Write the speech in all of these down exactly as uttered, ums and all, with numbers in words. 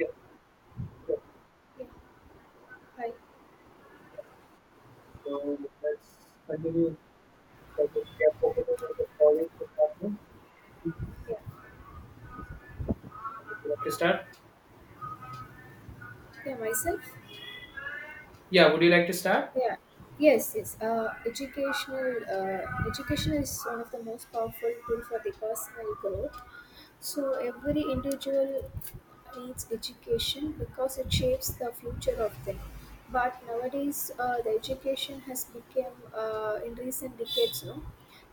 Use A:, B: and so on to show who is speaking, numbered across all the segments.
A: Yeah, sure.
B: Yeah, hi.
A: So let's continue. Like if we are focusing on the foreign department, would
B: Yeah,
A: you like to start?
B: yeah, myself.
A: Yeah, would you like to start?
B: Yeah, yes, yes. Uh, educational, uh, education is one of the most powerful tool for the personal growth. So every individual needs education because it shapes the future of them. But nowadays, uh, the education has become uh, in recent decades, no,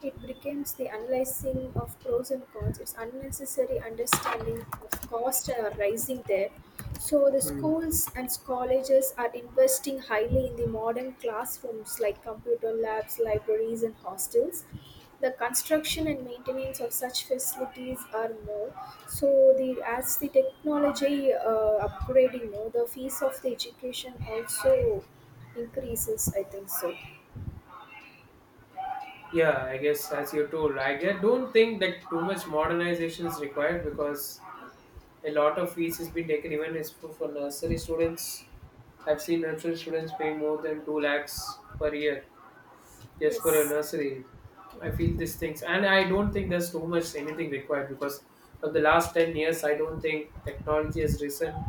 B: it becomes the analyzing of pros and cons. It's unnecessary understanding of cost are rising there. So the
A: Hmm.
B: schools and colleges are investing highly in the modern classrooms like computer labs, libraries, and hostels, the construction and maintenance of such facilities are more. So the as the technology uh, upgrading, no, the fees of the education also increases, I think so.
A: Yeah, I guess as you told, I get- don't think that too much modernization is required because a lot of fees has been taken even is for, for nursery students. I've seen nursery students paying more than two lakhs per year. Yes, for your
B: Yes.
A: nursery. I feel these things, and I don't think there's too much anything required because from the last ten years, I don't think technology has risen,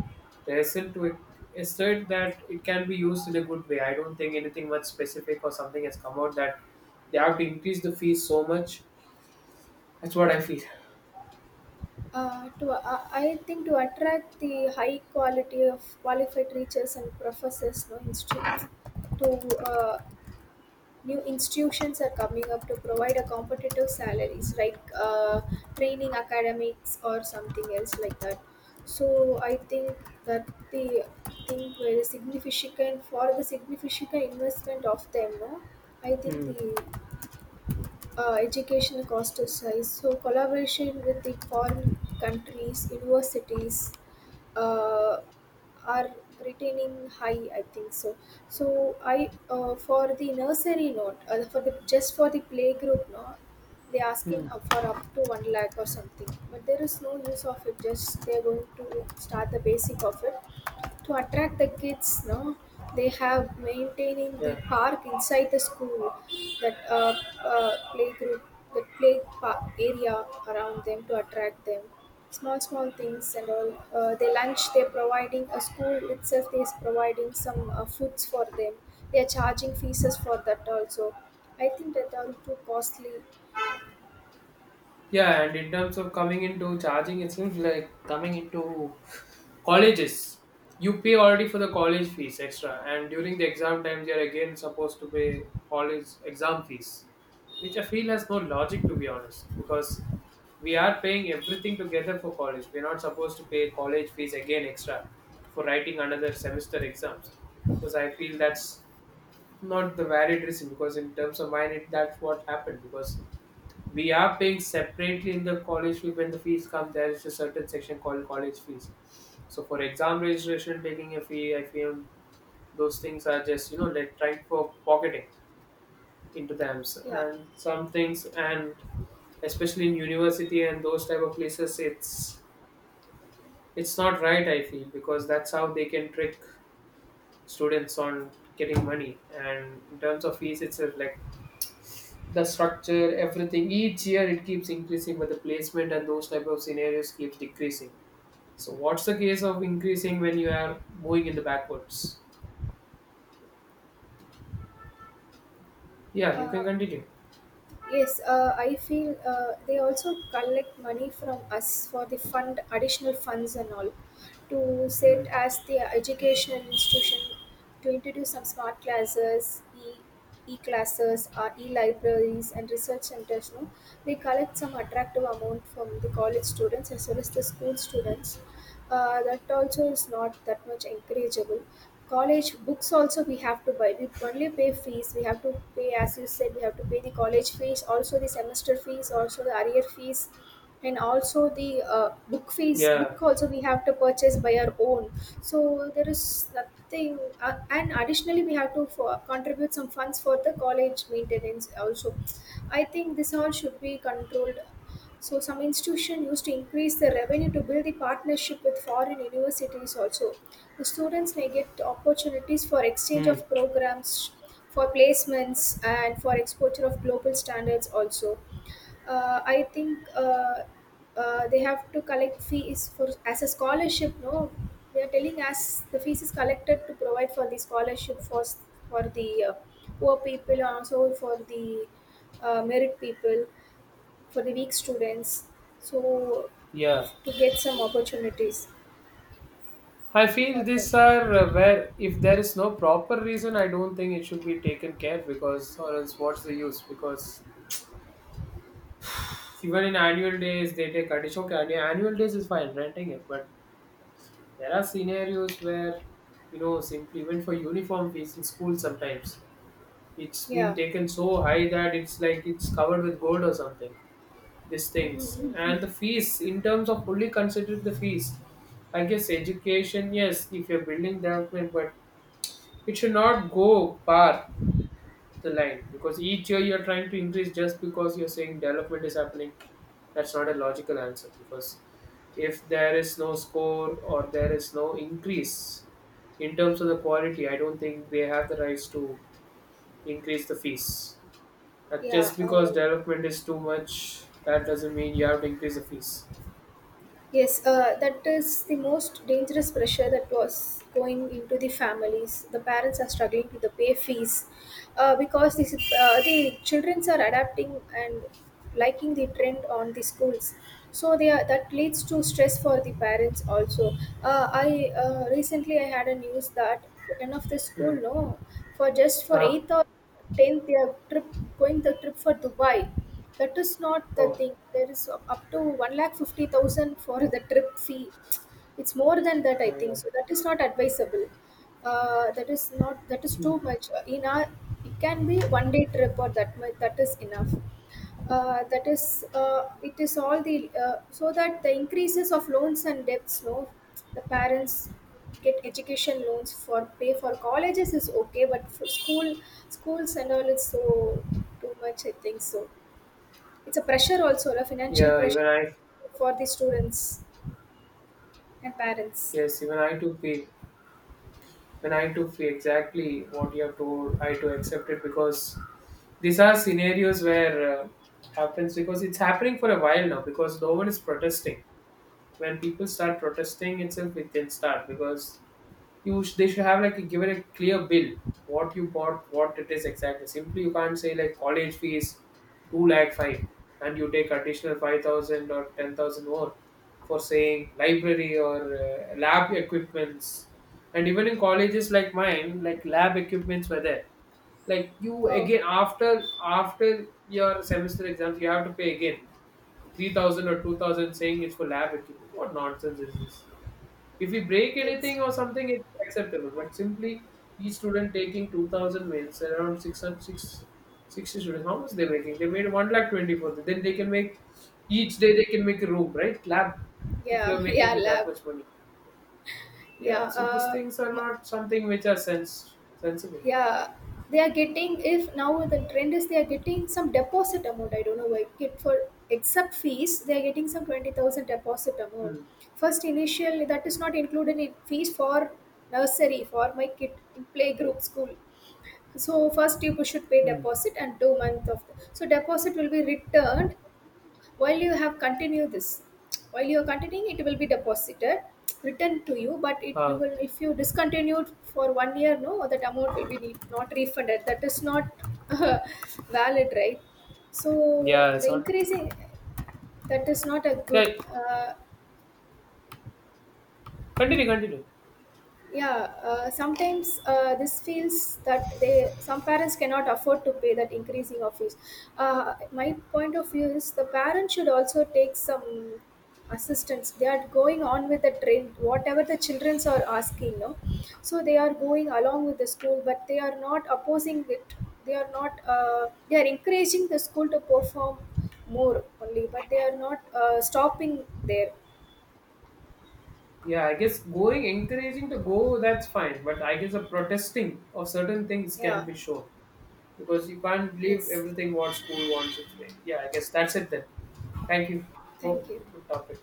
A: risen to assert that it can be used in a good way. I don't think anything much specific or something has come out that they have to increase the fees so much. That's what I feel.
B: Uh, to uh, I think to attract the high quality of qualified teachers and professors, no institute, to uh, new institutions are coming up to provide a competitive salaries like uh, training academics or something else like that, so I think that the thing very significant for the significant investment of them, no, I think
A: Hmm.
B: the uh, educational cost is high, so collaboration with the foreign countries universities uh, are retaining high, I think so. So i uh, for the nursery note, uh, for the just for the playgroup, no, they asking
A: Hmm.
B: up for up to one lakh or something, but there is no use of it, just they're going to start the basic of it to attract the kids, no, they have maintaining the
A: Yeah.
B: park inside the school, that uh, uh, playgroup, that play pa- area around them to attract them, small small things and all. Uh, they lunch, they're providing, a school itself is providing some uh, foods for them, they are charging fees for that also. I think that are too costly.
A: Yeah, and in terms of coming into charging, it seems like coming into colleges. You pay already for the college fees extra, and during the exam times, you're again supposed to pay college exam fees, which I feel has no logic to be honest, because we are paying everything together for college. We're not supposed to pay college fees again extra for writing another semester exams, because I feel that's not the valid reason. Because in terms of mine, it, that's what happened because we are paying separately in the college fee. When the fees come, there is a certain section called college fees. So for exam registration taking a fee, I feel those things are just, you know, like trying for pocketing into them, S-
B: yeah
A: and some things. And especially in university and those type of places, it's it's not right, I feel, because that's how they can trick students on getting money. And in terms of fees, it's uh, like the structure, everything. Each year it keeps increasing, but the placement and those type of scenarios keeps decreasing. So what's the case of increasing when you are moving in the backwards? Yeah, you
B: uh,
A: can continue.
B: Yes, uh, I feel uh, they also collect money from us for the fund, additional funds and all, to
A: Hmm.
B: set as the educational institution to introduce some smart classes, e e classes, or e libraries and research centers. No, they collect some attractive amount from the college students as well as the school students. Uh, that also is not that much encourageable. College books also we have to buy, we only pay fees, we have to pay, as you said, we have to pay the college fees also, the semester fees also, the arrear fees, and also the uh, book fees,
A: Yeah.
B: book also we have to purchase by our own. So there is nothing uh, and additionally we have to for, contribute some funds for the college maintenance also. I think this all should be controlled. So some institution used to increase the revenue to build the partnership with foreign universities also. The students may get opportunities for exchange
A: Hmm.
B: of programs, for placements, and for exposure of global standards also. Uh, I think uh, uh, They have to collect fees for as a scholarship. No, they are telling us the fees is collected to provide for the scholarship for for the uh, poor people and also for the uh, merit people, for the weak students, so
A: Yeah.
B: to get some opportunities
A: I feel
B: for them.
A: these are, uh, where if there is no proper reason, I don't think it should be taken care, because or else what's the use? Because even in annual days they take additional, okay, annual days is fine renting it, but there are scenarios where, you know, simply even for uniform fees in school sometimes, it's
B: yeah
A: been taken so high that it's like it's covered with gold or something, these things. And the fees, in terms of fully considered the fees, I guess education, yes, if you're building development, but it should not go par the line because each year you're trying to increase just because you're saying development is happening. That's not a logical answer because if there is no score or there is no increase in terms of the quality, I don't think they have the rights to increase the fees. Uh,
B: yeah
A: just because
B: uh,
A: development is too much, that doesn't mean you have to increase the fees.
B: yes uh, that is the most dangerous pressure that was going into the families, the parents are struggling to the pay fees uh, because this, uh, the children are adapting and liking the trend on the schools, so they are, that leads to stress for the parents also. Uh, I uh, Recently I had a news that one of the school,
A: Hmm.
B: no, for just for
A: Ah,
B: eight. tenth they trip, going the trip for Dubai, that is not the
A: oh
B: thing, there is up to one lakh fifty thousand for the trip fee. It's more than that, I
A: my
B: think
A: god.
B: so. That is not advisable. Uh, that is not, that is too
A: Hmm.
B: much. In our, it can be one day trip or that much, that is enough. Uh, that is uh, It is all the, uh, so that the increases of loans and debts, no, the parents get education loans for pay for colleges is okay, but for school schools and all, it's so too much, I think so. It's a pressure, also a financial
A: Yeah,
B: pressure
A: even I,
B: for the students and parents.
A: yes, even I too feel, when I too feel exactly what you have told, I too accept it, because these are scenarios where uh, happens because it's happening for a while now because no one is protesting. When people start protesting itself it can start, because you sh- they should have, like, a, give it a clear bill, what you bought, what it is exactly. Simply you can't say like college fees two lakh five and you take additional five thousand or ten thousand more for saying library or uh, lab equipments. And even in colleges like mine, like, lab equipments were there. Like, you
B: Oh,
A: again after after your semester exams you have to pay again three thousand or two thousand saying it's for lab equipment. What nonsense is this? If we break
B: that's
A: anything or something, it's acceptable. But simply each student taking two thousand mails, around six hundred six, sixty students, how much they're making? They made one lakh twenty four. Then they can make, each day they can make a room, right? Lab, if you're
B: yeah
A: making
B: yeah
A: with
B: lab.
A: that much money. Yeah,
B: yeah
A: so these
B: uh,
A: things are not something which are sense sensible.
B: yeah, they are getting, if now the trend is, they are getting some deposit amount, I don't know why, kid for, except fees they are getting some twenty thousand deposit amount,
A: Hmm.
B: first initially that is not included in fees for nursery, for my kid in playgroup school. So first you should pay
A: Hmm.
B: deposit and two month of, so deposit will be returned, while you have continued this while you are continuing it will be deposited returned to you, but it you
A: Huh.
B: will, if you discontinued for one year, no, that amount will be need, not refunded. That is not uh, valid, right? So
A: Yeah,
B: the
A: it's not.
B: increasing, that is not a good
A: Yeah,
B: uh,
A: continue, continue.
B: yeah. uh, sometimes uh, This feels that they, some parents cannot afford to pay that increasing of fees. Uh, my point of view is the parent should also take some assistance, they are going on with the trend whatever the childrens are asking, no, so they are going along with the school but they are not opposing it. They are not uh, they are encouraging the school to perform more only, but they are not uh, stopping there.
A: Yeah, I guess going, encouraging to go, that's fine. But I guess a protesting of certain things can
B: Yeah,
A: be shown because you can't leave
B: yes,
A: everything what school wants its way. Yeah, I guess that's it then. Thank you. Oh,
B: thank you.
A: good topic.